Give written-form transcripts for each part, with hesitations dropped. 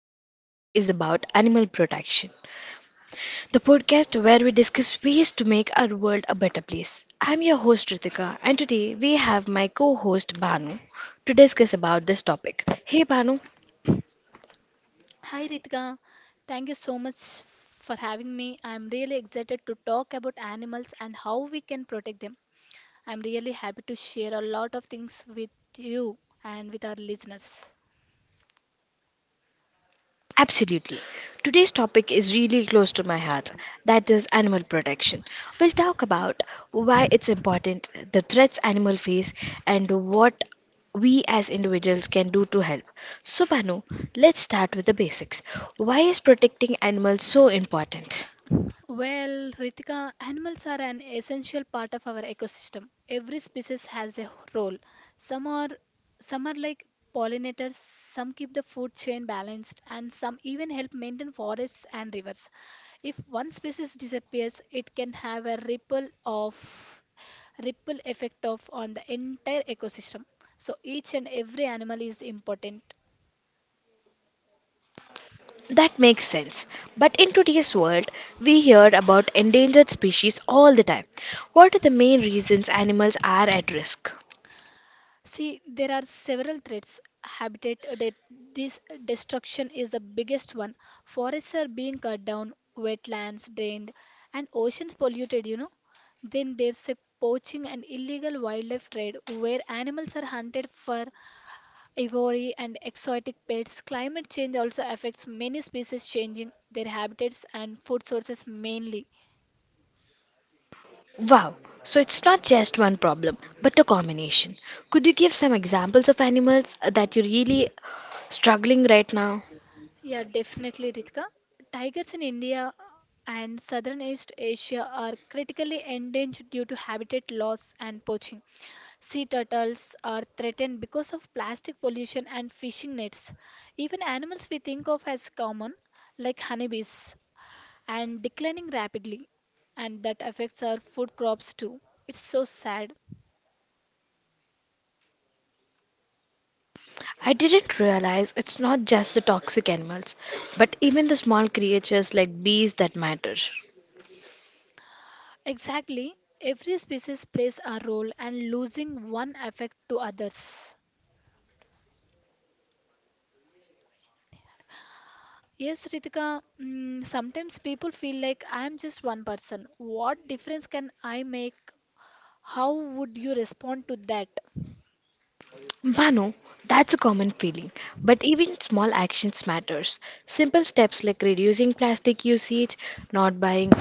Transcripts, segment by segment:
and today's topic is about animal protection. The podcast where we discuss ways to make our world a better place. I'm your host Ritika and today we have my co-host Banu to discuss about this topic. Hey Banu. Hi Ritika, thank you so much for having me. I'm really excited to talk about animals and how we can protect them. I'm really happy to share a lot of things with you and with our listeners. Absolutely. Today's topic is really close to my heart, that is animal protection. We'll talk about why it's important, the threats animals face, and what we as individuals can do to help. So, Banu, let's start with the basics. Why is protecting animals so important? Well, Ritika, animals are an essential part of our ecosystem. Every species has a role. Some are some are like pollinators, some keep the food chain balanced, and some even help maintain forests and rivers. If one species disappears, it can have a ripple effect of on the entire ecosystem. So each and every animal is important. That makes sense. But in today's world, we hear about endangered species all the time. What are the main reasons animals are at risk? See, there are several threats. Habitat destruction is the biggest one. Forests are being cut down, wetlands drained, and oceans polluted. Then there's a poaching and illegal wildlife trade where animals are hunted for ivory and exotic pets. Climate change also affects many species, changing their habitats and food sources mainly. Wow, so it's not just one problem, but a combination. Could you give some examples of animals that you're really struggling right now? Yeah, definitely, Ritika. Tigers in India and southern East Asia are critically endangered due to habitat loss and poaching. Sea turtles are threatened because of plastic pollution and fishing nets. Even animals we think of as common, like honeybees, and declining rapidly, and that affects our food crops too. It's so sad. I didn't realize it's not just the toxic animals, but even the small creatures like bees that matter. Exactly, every species plays a role, and losing one affect to others. Yes, Ritika, sometimes people feel like I am just one person. What difference can I make? How would you respond to that? Manu, that's a common feeling, but even small actions matters. Simple steps like reducing plastic usage, not buying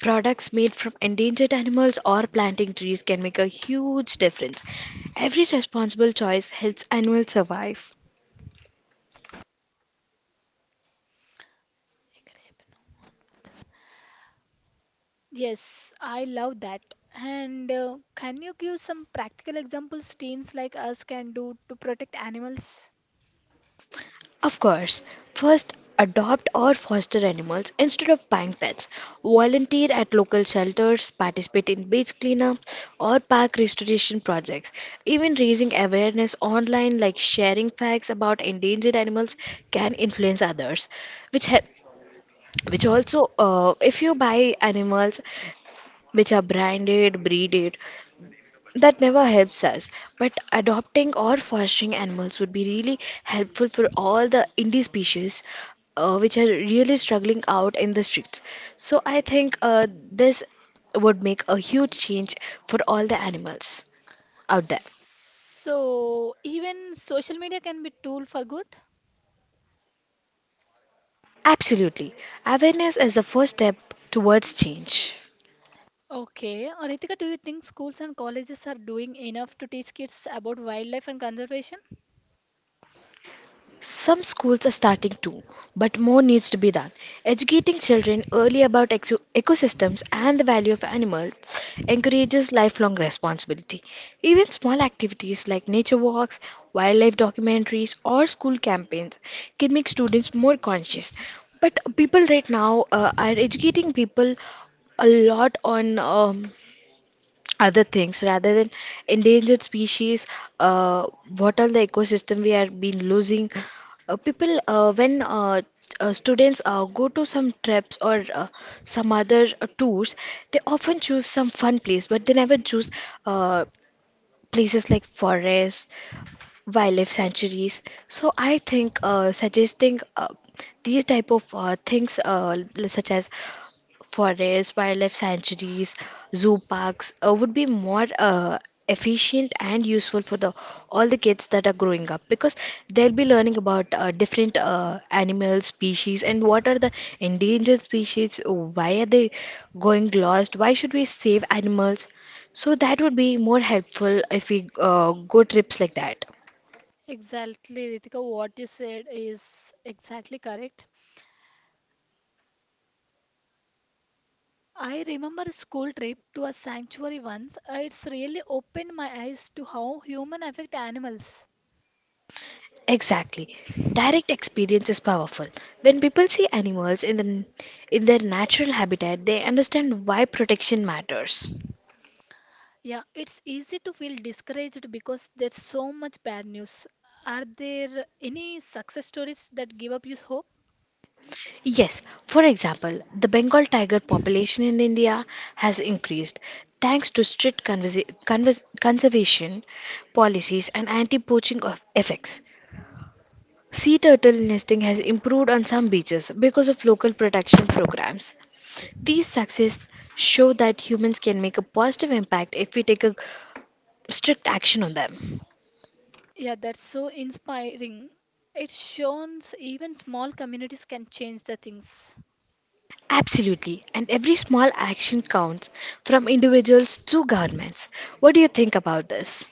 products made from endangered animals or planting trees can make a huge difference. Every responsible choice helps animals survive. Yes, I love that. And can you give some practical examples teens like us can do to protect animals? Of course, first adopt or foster animals instead of buying pets. Volunteer at local shelters, participate in beach cleanup or park restoration projects. Even raising awareness online like sharing facts about endangered animals can influence others, which help which also if you buy animals which are branded breeded, that never helps us, but adopting or fostering animals would be really helpful for all the indie species, which are really struggling out in the streets. So I think, this would make a huge change for all the animals out there. So, even social media can be tool for good? Absolutely. Awareness is the first step towards change. Okay. Ritika, do you think schools and colleges are doing enough to teach kids about wildlife and conservation? Some schools are starting too, but more needs to be done. Educating children early about ecosystems and the value of animals encourages lifelong responsibility. Even small activities like nature walks, wildlife documentaries, or school campaigns can make students more conscious. But people right now, are educating people a lot on, other things rather than endangered species. uh, what are the ecosystem we are been losing? People, when students, go to some trips or, some other, tours. They often choose some fun place but they never choose, uh, places like forests, wildlife sanctuaries. So I think, suggesting, these type of, things, such as forests, wildlife sanctuaries, zoo parks, would be more, efficient and useful for the all the kids that are growing up, because they'll be learning about, different, animal species, and what are the endangered species, why are they going lost, why should we save animals. So that would be more helpful if we, go trips like that. Exactly, Ritika, what you said is exactly correct. I remember a school trip to a sanctuary once. It's really opened my eyes to how human affect animals. Exactly. Direct experience is powerful. When people see animals in their natural habitat, they understand why protection matters. Yeah, it's easy to feel discouraged because there's so much bad news. Are there any success stories that give up you hope? Yes, for example, the Bengal tiger population in India has increased thanks to strict conservation policies and anti-poaching of effects. Sea turtle nesting has improved on some beaches because of local protection programs. These successes show that humans can make a positive impact if we take a strict action on them. Yeah, that's so inspiring. It shows even small communities can change the things. Absolutely, and every small action counts from individuals to governments. What do you think about this?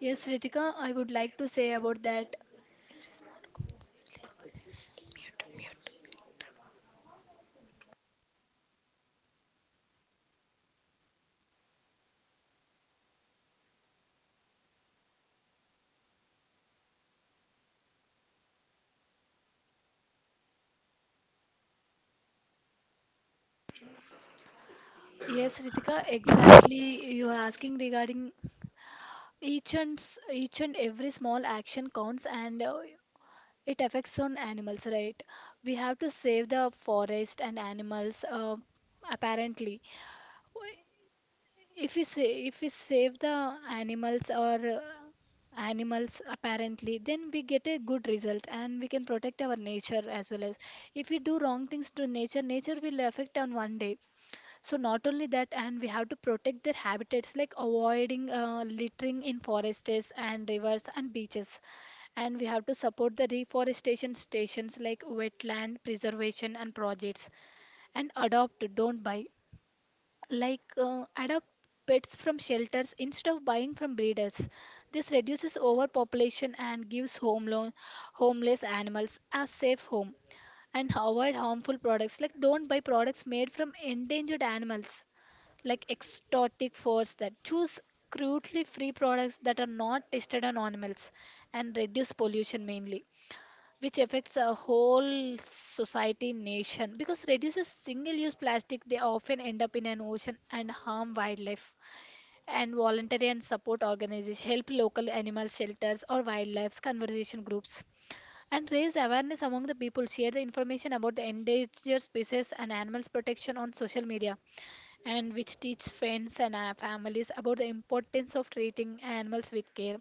Yes, Ritika, I would like to say about that. Every small counts. It's simple. Yes, Ritika, exactly. You are asking regarding each and every small action counts, and it affects on animals, right? We have to save the forest and animals. Apparently, W- if we save the animals or animals apparently, then we get a good result, and we can protect our nature as well. As if we do wrong things to nature, nature will affect on one day. So not only that, and we have to protect their habitats, like avoiding littering in forests and rivers and beaches. And we have to support the reforestation stations like wetland preservation and projects. And adopt, don't buy. Like adopt pets from shelters instead of buying from breeders. This reduces overpopulation and gives homeless animals a safe home. And avoid harmful products. Like, don't buy products made from endangered animals, like exotic foods. That choose crudely free products that are not tested on animals, and reduce pollution mainly, which affects a whole society nation, because reduces single use plastic they often end up in an ocean and harm wildlife, and voluntary and support organizations help local animal shelters or wildlife conservation groups, and raise awareness among the people, share the information about the endangered species and animals protection on social media, and which teach friends and families about the importance of treating animals with care.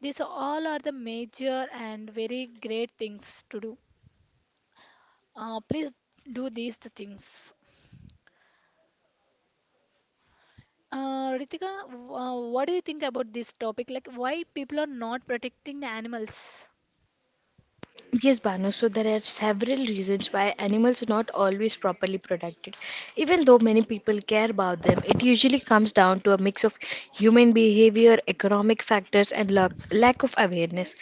These all are the major and very great things to do. Please do these the things. Ritika, what do you think about this topic? Like, why people are not protecting the animals? Yes, Banu, so there are several reasons why animals are not always properly protected. Even though many people care about them, it usually comes down to a mix of human behavior, economic factors, and lack of awareness.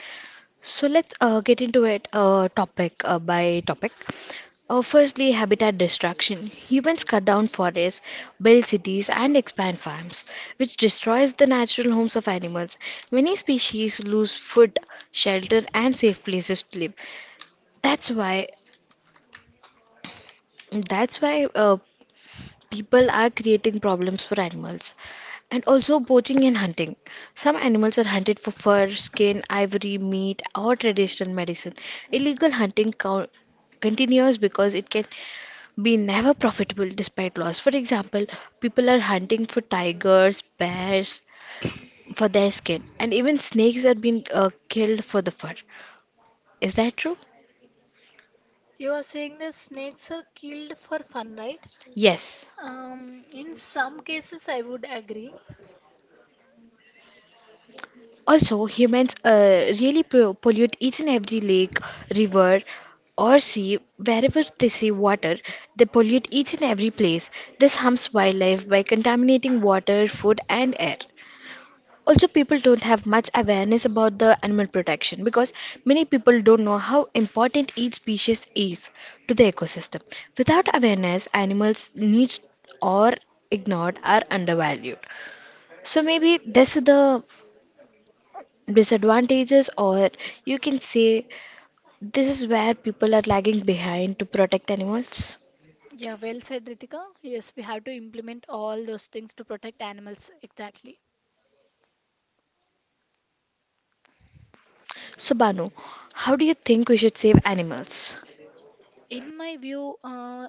So let's, get into it, topic, by topic. Firstly, habitat destruction. Humans cut down forests, build cities, and expand farms, which destroys the natural homes of animals. Many species lose food, shelter, and safe places to live. That's why that's why people are creating problems for animals. And also poaching and hunting, some animals are hunted for fur, skin, ivory, meat, or traditional medicine. Illegal hunting continues because it can be never profitable, despite laws. For example, people are hunting for tigers, bears for their skin, and even snakes are being killed for the fur. Is that true? You are saying the snakes are killed for fun, right? Yes. In some cases, I would agree. Also, humans, really pollute each and every lake, river, or sea. Wherever they see water, they pollute each and every place. This harms wildlife by contaminating water, food, and air. Also, people don't have much awareness about the animal protection, because many people don't know how important each species is to the ecosystem. Without awareness, animals' needs are ignored or undervalued. So maybe this is the disadvantages, or you can say this is where people are lagging behind to protect animals. Yeah, well said, Ritika. Yes, we have to implement all those things to protect animals. Exactly. So Banu, how do you think we should save animals? In my view,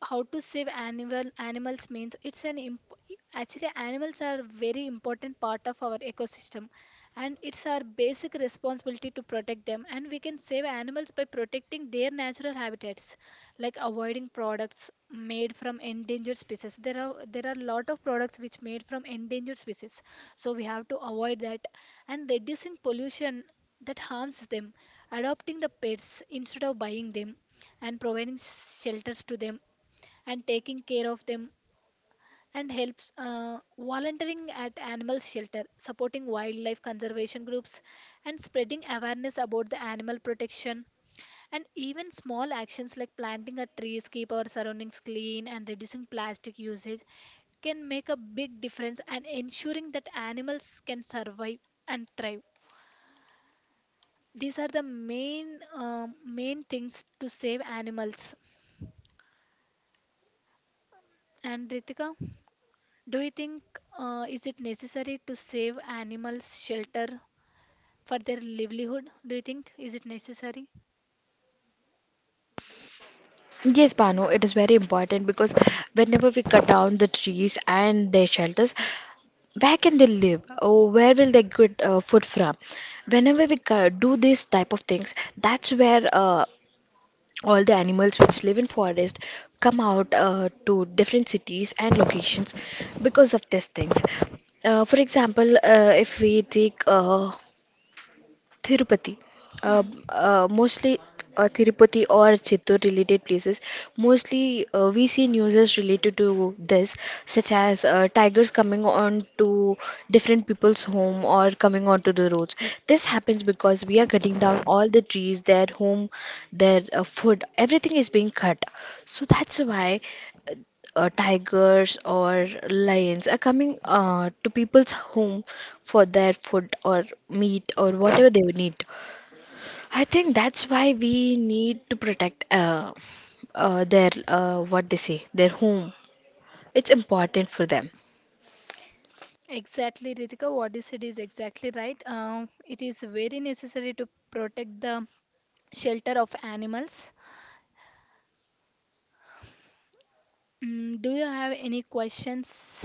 how to save animals means actually, animals are very important part of our ecosystem, and it's our basic responsibility to protect them, and we can save animals by protecting their natural habitats, like avoiding products made from endangered species. There are a lot of products which made from endangered species, so we have to avoid that, and reducing pollution that harms them, adopting the pets instead of buying them, and providing shelters to them, and taking care of them, and helps volunteering at animal shelter, supporting wildlife conservation groups, and spreading awareness about the animal protection. And even small actions like planting a trees, keep our surroundings clean, and reducing plastic usage can make a big difference and ensuring that animals can survive and thrive. These are the main things to save animals. And Ritika, do you think is it necessary to save animals shelter for their livelihood? Do you think is it necessary? Yes, Banu, it is very important because whenever we cut down the trees and their shelters, where can they live? Or where will they get, food from? Whenever we do these type of things, that's where, all the animals which live in forest come out, to different cities and locations because of these things, for example, if we take, Tirupati, uh, Hmm. Mostly, Tirupati or Chittor related places. Mostly, we see news is related to this, such as, tigers coming on to different people's home, or coming onto the roads. This happens because we are cutting down all the trees, their home, their, food, everything is being cut. So that's why, tigers or lions are coming, to people's home for their food or meat or whatever they would need. I think that's why we need to protect, their, what they say, their home. It's important for them. Exactly, Ritika. What you said is exactly right. It is very necessary to protect the shelter of animals. Do you have any questions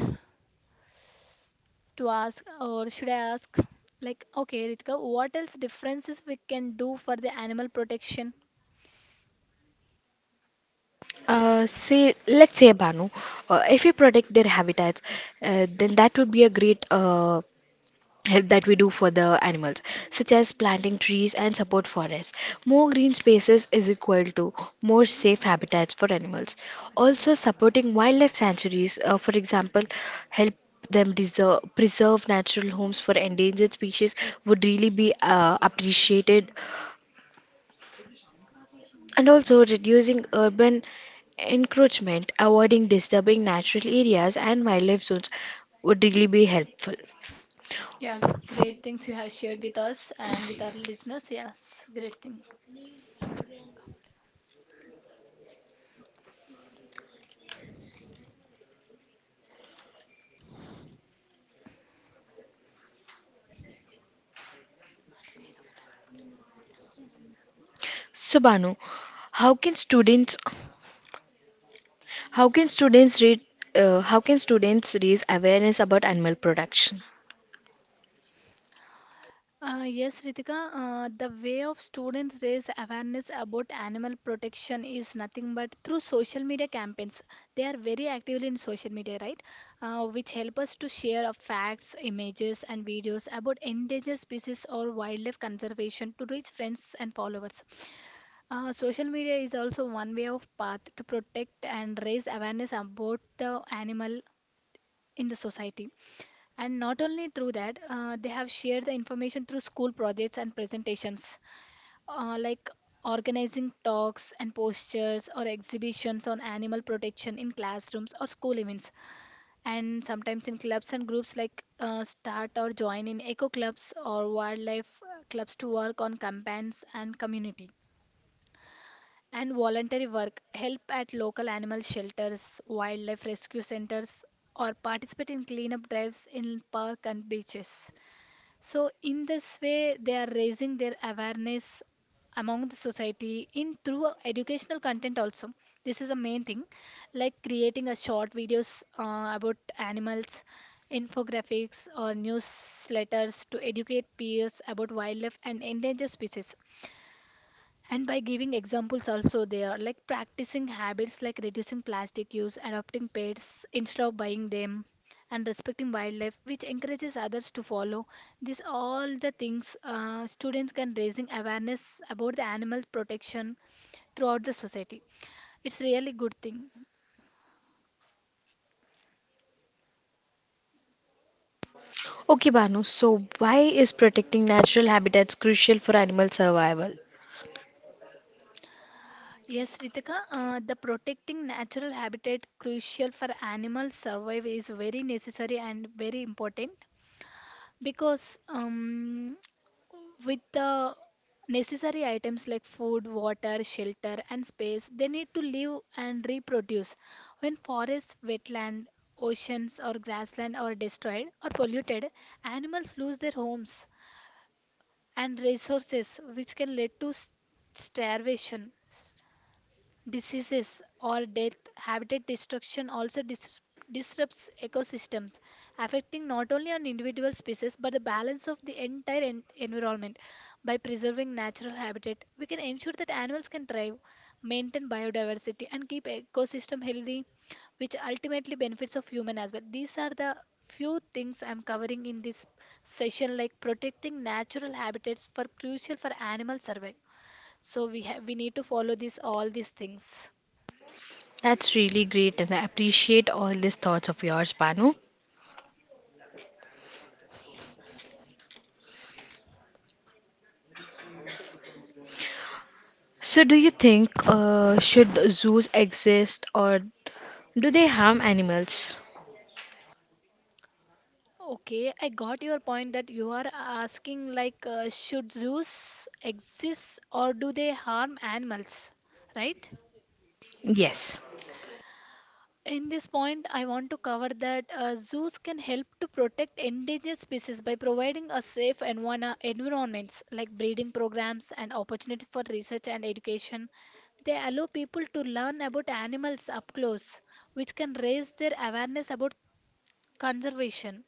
to ask, or should I ask? Like, okay, Ritika, what else differences we can do for the animal protection? Say Let's say Banu, if we protect their habitats, then that would be a great, help that we do for the animals, such as planting trees and support forests. More green spaces is equal to more safe habitats for animals. Also supporting wildlife sanctuaries, for example, help them preserve natural homes for endangered species would really be, appreciated. And also reducing urban encroachment, avoiding disturbing natural areas and wildlife zones would really be helpful. Yeah, great things you have shared with us and with our listeners. Yes, great thing. So Banu, how can students How can students read? How can students raise awareness about animal production? Yes, Ritika, the way of students raise awareness about animal protection is nothing but through social media campaigns. They are very actively in social media, right? Which help us to share of facts, images, and videos about endangered species or wildlife conservation to reach friends and followers. Social media is also one way of path to protect and raise awareness about the animal in the society. And not only through that, they have shared the information through school projects and presentations, like organizing talks and posters or exhibitions on animal protection in classrooms or school events, and sometimes in clubs and groups, like start or join in eco clubs or wildlife clubs to work on campaigns and community, and voluntary work, help at local animal shelters, wildlife rescue centers, or participate in cleanup drives in park and beaches. So, in this way, they are raising their awareness among the society in through a educational content also. This is a main thing, like creating a short videos about animals, infographics, or newsletters to educate peers about wildlife and endangered species, and by giving examples also. They are like practicing habits like reducing plastic use, adopting pets instead of buying them, and respecting wildlife, which encourages others to follow. These all the things, students can raising awareness about the animal protection throughout the society. It's really good thing. Okay, Banu. So why is protecting natural habitats crucial for animal survival? Yes, Ritika, the protecting natural habitat crucial for animal survival is very necessary and very important, because with the necessary items like food, water, shelter, and space, they need to live and reproduce. When forests, wetland, oceans, or grassland are destroyed or polluted, animals lose their homes and resources, which can lead to starvation. Diseases or death, habitat destruction also disrupts ecosystems, affecting not only on individual species but the balance of the entire environment. By preserving natural habitat, we can ensure that animals can thrive, maintain biodiversity, and keep ecosystem healthy, which ultimately benefits of human as well. These are the few things I'm covering in this session, like protecting natural habitats for crucial for animal survival, so we have we need to follow this all these things. That's really great, and I appreciate all these thoughts of yours, Banu. So do you think, should zoos exist, or do they harm animals? Okay, I got your point, that you are asking, like, should zoos exist or do they harm animals, right? Yes. In this point, I want to cover that zoos can help to protect endangered species by providing a safe environments, like breeding programs and opportunities for research and education. They allow people to learn about animals up close, which can raise their awareness about conservation.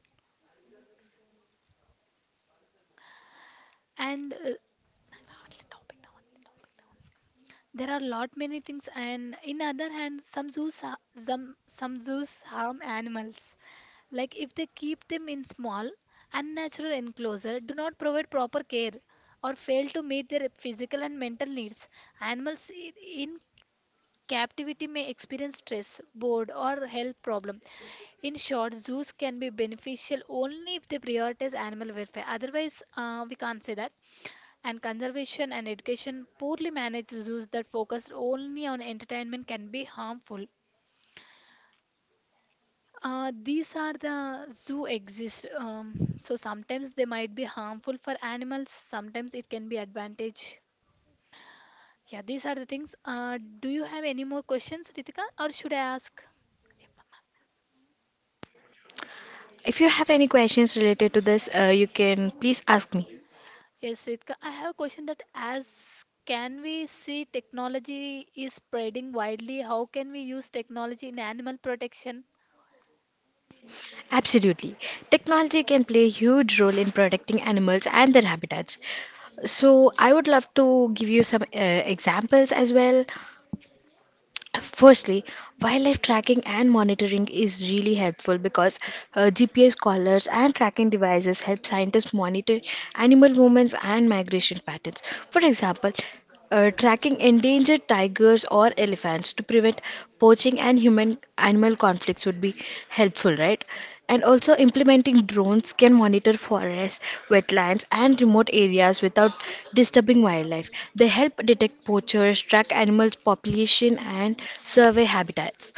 And there are lot many things. And in other hand, some zoos some zoos harm animals, like if they keep them in small unnatural enclosure, do not provide proper care, or fail to meet their physical and mental needs. Animals in captivity may experience stress, board, or health problem. In short, zoos can be beneficial only if they prioritize animal welfare. Otherwise, we can't say that. And conservation and education, poorly managed zoos that focus only on entertainment can be harmful. These are the zoo exist. So sometimes they might be harmful for animals. Sometimes it can be advantage. Yeah, these are the things. Do you have any more questions, Ritika, or should I ask? If you have any questions related to this, you can please ask me. Yes, Ritika, I have a question that as can we see technology is spreading widely, how can we use technology in animal protection? Absolutely. Okay. Technology can play a huge role in protecting animals and their habitats. So, I would love to give you some, examples as well. Firstly, wildlife tracking and monitoring is really helpful because, GPS collars and tracking devices help scientists monitor animal movements and migration patterns. For example, tracking endangered tigers or elephants to prevent poaching and human animal conflicts would be helpful, right? And also implementing drones can monitor forests, wetlands, and remote areas without disturbing wildlife. They help detect poachers, track animals' population, and survey habitats.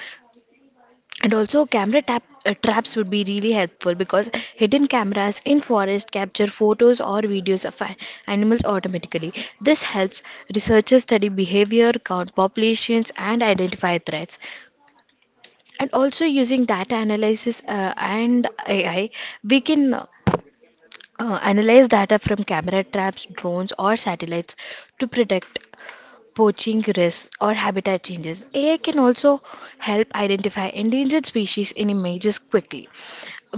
And also, camera traps would be really helpful because hidden cameras in forest capture photos or videos of animals automatically. This helps researchers study behavior, count populations, and identify threats. And also, using data analysis and AI, we can analyze data from camera traps, drones, or satellites to predict poaching risks or habitat changes. AI can also help identify endangered species in images quickly.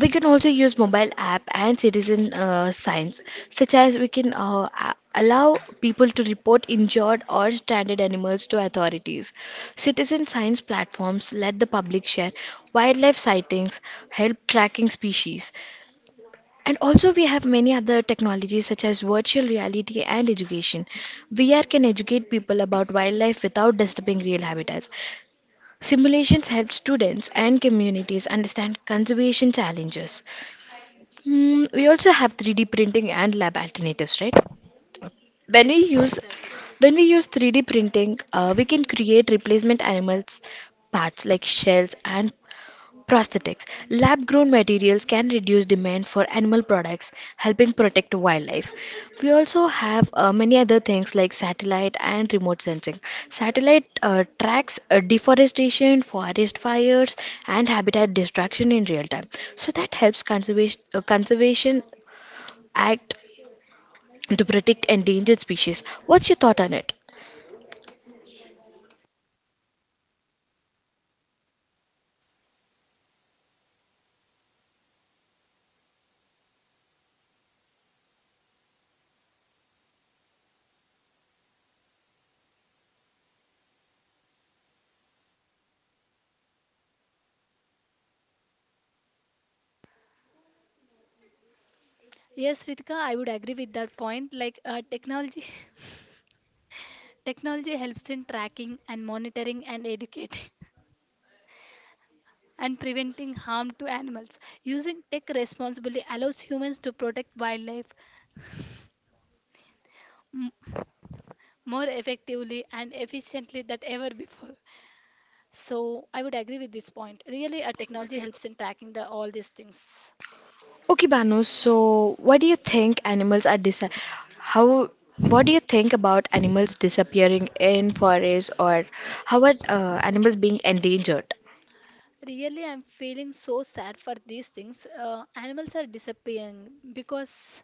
We can also use mobile app and citizen, science, such as we can, allow people to report injured or stranded animals to authorities. Citizen science platforms let the public share wildlife sightings, help tracking species. And also, we have many other technologies such as virtual reality and education. VR can educate people about wildlife without disturbing real habitats. Simulations help students and communities understand conservation challenges. Hmm, we also have 3D printing and lab alternatives, right? When we use when we use 3D printing, we can create replacement animals parts like shells and prosthetics. Lab grown materials can reduce demand for animal products, helping protect wildlife. We also have, many other things like satellite and remote sensing. Satellite, tracks, deforestation, forest fires, and habitat destruction in real time. So that helps conservation act to protect endangered species. What's your thought on it? Yes, Ritika, I would agree with that point. Like technology, technology helps in tracking and monitoring and educating and preventing harm to animals. Using tech responsibly allows humans to protect wildlife m- more effectively and efficiently than ever before. So I would agree with this point. Really, a technology helps in tracking the all these things. Okay, Banu, so how what do you think about animals disappearing in forests, or how are, animals being endangered? Really, I'm feeling so sad for these things. Animals are disappearing because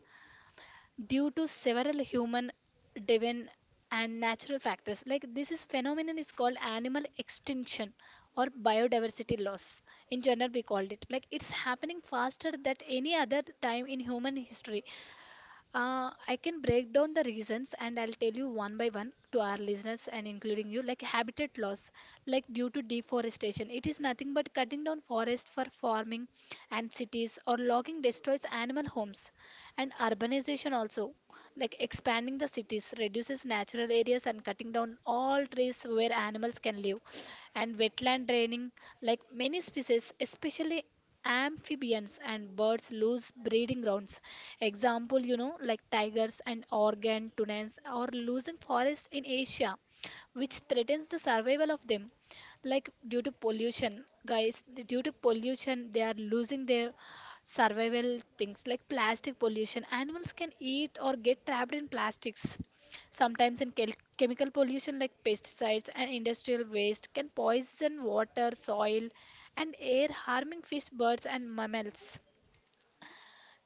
due to several human-driven and natural factors. Like this is phenomenon is called animal extinction or biodiversity loss. In general, we called it. Like it's happening faster than any other time in human history. I can break down the reasons and I'll tell you one by one to our listeners and including you, like habitat loss, like due to deforestation. It is nothing but cutting down forest for farming and cities or logging destroys animal homes and urbanization also, like expanding the cities reduces natural areas and cutting down all trees where animals can live and wetland draining, like many species, especially amphibians and birds lose breeding grounds. Example, you know, like tigers and organ tunnels or losing forests in Asia, which threatens the survival of them. Like due to pollution, guys, due to pollution, they are losing their survival things like plastic pollution. Animals can eat or get trapped in plastics. Sometimes in chemical pollution like pesticides and industrial waste can poison water, soil, and air, harming fish, birds, and mammals.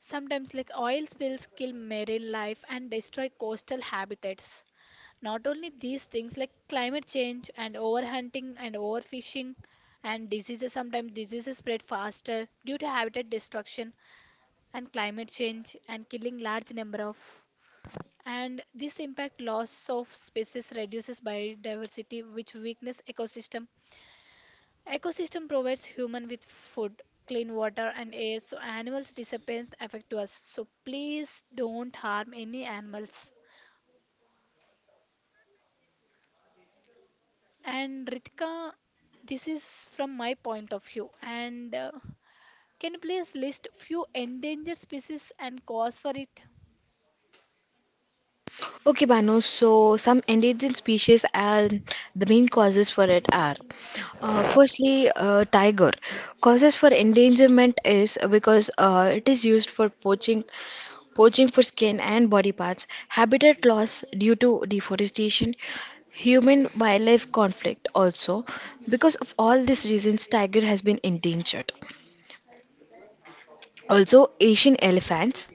Sometimes, like oil spills, kill marine life and destroy coastal habitats. Not only these things, like climate change and overhunting and overfishing and diseases, sometimes diseases spread faster due to habitat destruction and climate change and killing large number of. And this impact loss of species reduces biodiversity, which weakens ecosystem. Ecosystem provides human with food, clean water and air, so animals disappearance affect us. So please don't harm any animals. And Ritika, this is from my point of view, and can you please list few endangered species and cause for it? Okay, Banu, so some endangered species and the main causes for it are, firstly, tiger. Causes for endangerment is because, it is used for poaching for skin and body parts, habitat loss due to deforestation, human wildlife conflict also. Because of all these reasons, tiger has been endangered. Also, Asian elephants.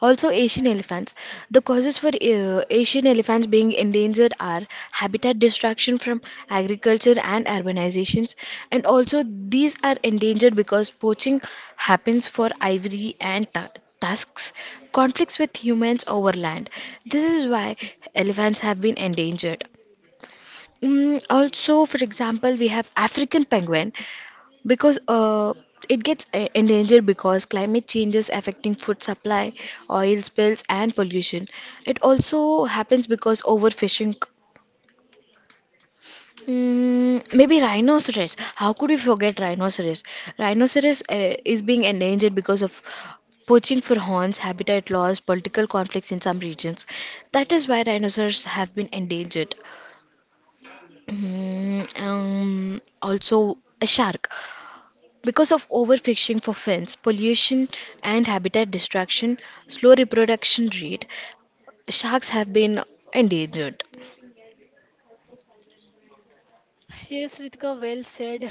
Also, Asian elephants. The causes for, Asian elephants being endangered are habitat destruction from agriculture and urbanizations. And also these are endangered because poaching happens for ivory and tusks, conflicts with humans over land. This is why elephants have been endangered. Also, for example, we have African penguin because, it gets endangered because climate changes affecting food supply, oil spills and pollution. It also happens because overfishing. Maybe rhinoceros. How could we forget rhinoceros? Rhinoceros, is being endangered because of poaching for horns, habitat loss, political conflicts in some regions. That is why rhinoceros have been endangered. Also, a shark. Because of overfishing for fins, pollution, and habitat destruction, slow reproduction rate, sharks have been endangered. Yes, Ritika, well said.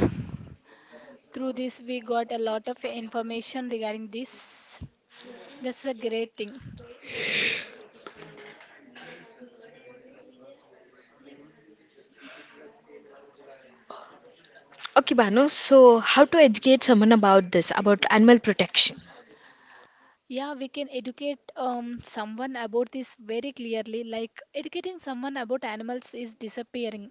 Through this we got a lot of information regarding this. That's a great thing. Okay, Bano, so how to educate someone about this, about animal protection? Yeah, we can educate someone about this very clearly. Like educating someone about animals is disappearing.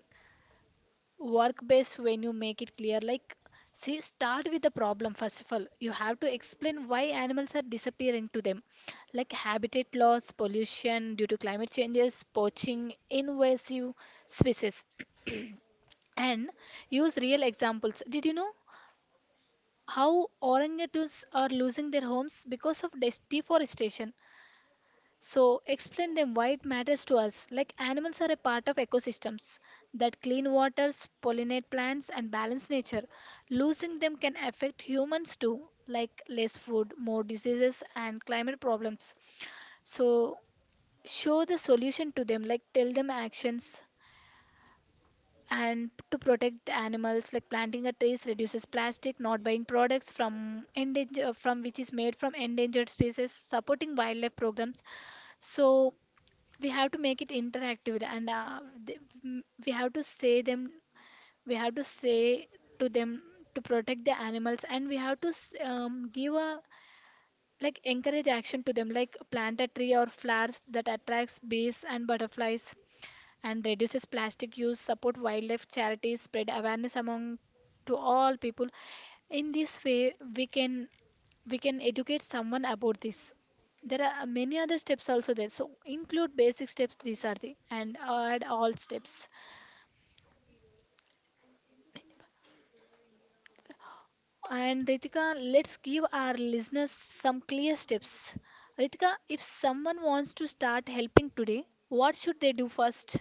Work based when you make it clear. Like, see, start with the problem first of all. You have to explain why animals are disappearing to them, like habitat loss, pollution due to climate changes, poaching, invasive species, and use real examples. Did you know how orangutans are losing their homes because of deforestation? So explain them why it matters to us. Like animals are a part of ecosystems that clean waters, pollinate plants and balance nature. Losing them can affect humans too, like less food, more diseases and climate problems. So show the solution to them, like tell them actions and to protect the animals like planting a trees reduces plastic not buying products from endanger from which is made from endangered species supporting wildlife programs. So we have to make it interactive and th- we have to say to them to protect the animals, and we have to give a, like, encourage action to them like plant a tree or flowers that attracts bees and butterflies and reduces plastic use, support wildlife charities, spread awareness among to all people. In this way, we can educate someone about this. There are many other steps also there. So include basic steps. These are the and add all steps. And Ritika, let's give our listeners some clear steps. Ritika, if someone wants to start helping today, what should they do first?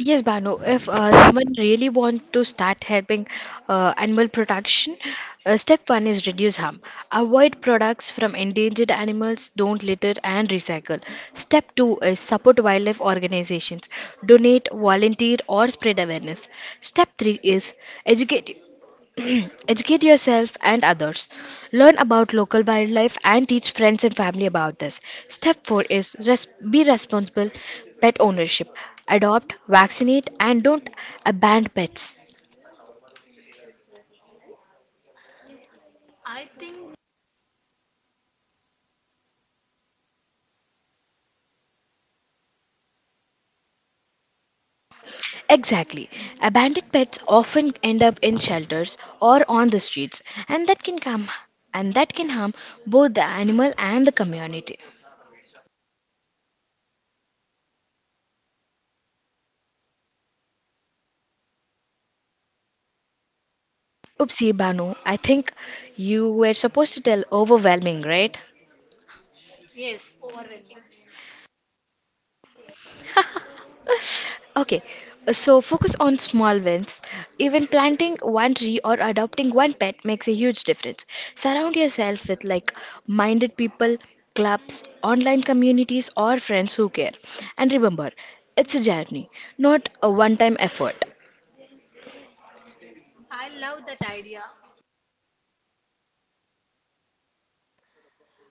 Yes, Banu, if, someone really wants to start helping, animal protection, step one is reduce harm. Avoid products from endangered animals, don't litter and recycle. Step two is support wildlife organizations, donate, volunteer or spread awareness. Step three is educate Educate yourself and others. Learn about local wildlife and teach friends and family about this. Step 4 is be responsible pet ownership. Adopt, vaccinate, and don't abandon pets. Exactly. Abandoned pets often end up in shelters or on the streets, and that can come and that can harm both the animal and the community. Oopsie, Banu, I think you were supposed to tell overwhelming, right? Okay, so focus on small wins. Even planting one tree or adopting one pet makes a huge difference. Surround yourself with like minded people, clubs, online communities, or friends who care. And remember, it's a journey, not a one time effort.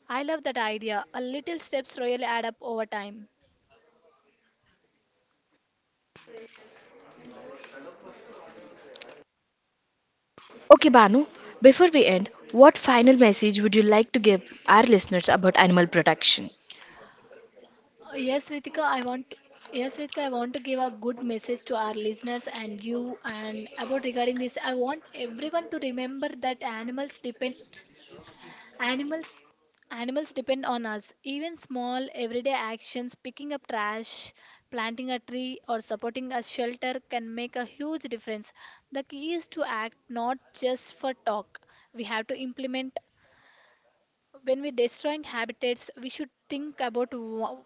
I love that idea. A little steps really add up over time. Okay, Banu, before we end, what final message would you like to give our listeners about animal protection? Uh, Yes, Ritika, I want yes, Ritika, I want to give a good message to our listeners and you and about regarding this. I want everyone to remember that animals depend animals animals depend on us. Even small everyday actions, picking up trash, planting a tree, or supporting a shelter can make a huge difference. The key is to act, not just for talk. We have to implement when we destroying habitats we should think about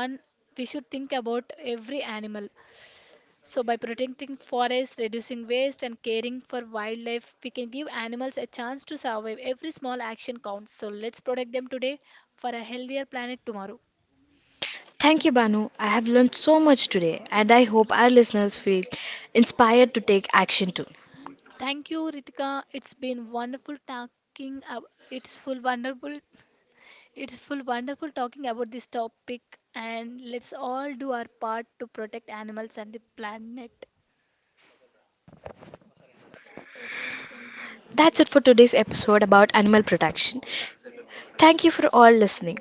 one, we should think about every animal. So by protecting forests, reducing waste and caring for wildlife, we can give animals a chance to survive. Every small action counts, so let's protect them today for a healthier planet tomorrow. Thank you, Banu. I have learned so much today, and I hope our listeners feel inspired to take action too. Thank you, Ritika. It's been wonderful talking ab- it's full wonderful talking about this topic, and let's all do our part to protect animals and the planet. That's it for today's episode about animal protection. Thank you for all listening.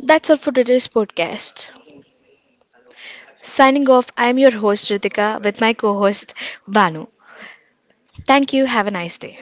That's all for today's podcast. Signing off, I'm your host Ritika with my co host Banu. Thank you. Have a nice day.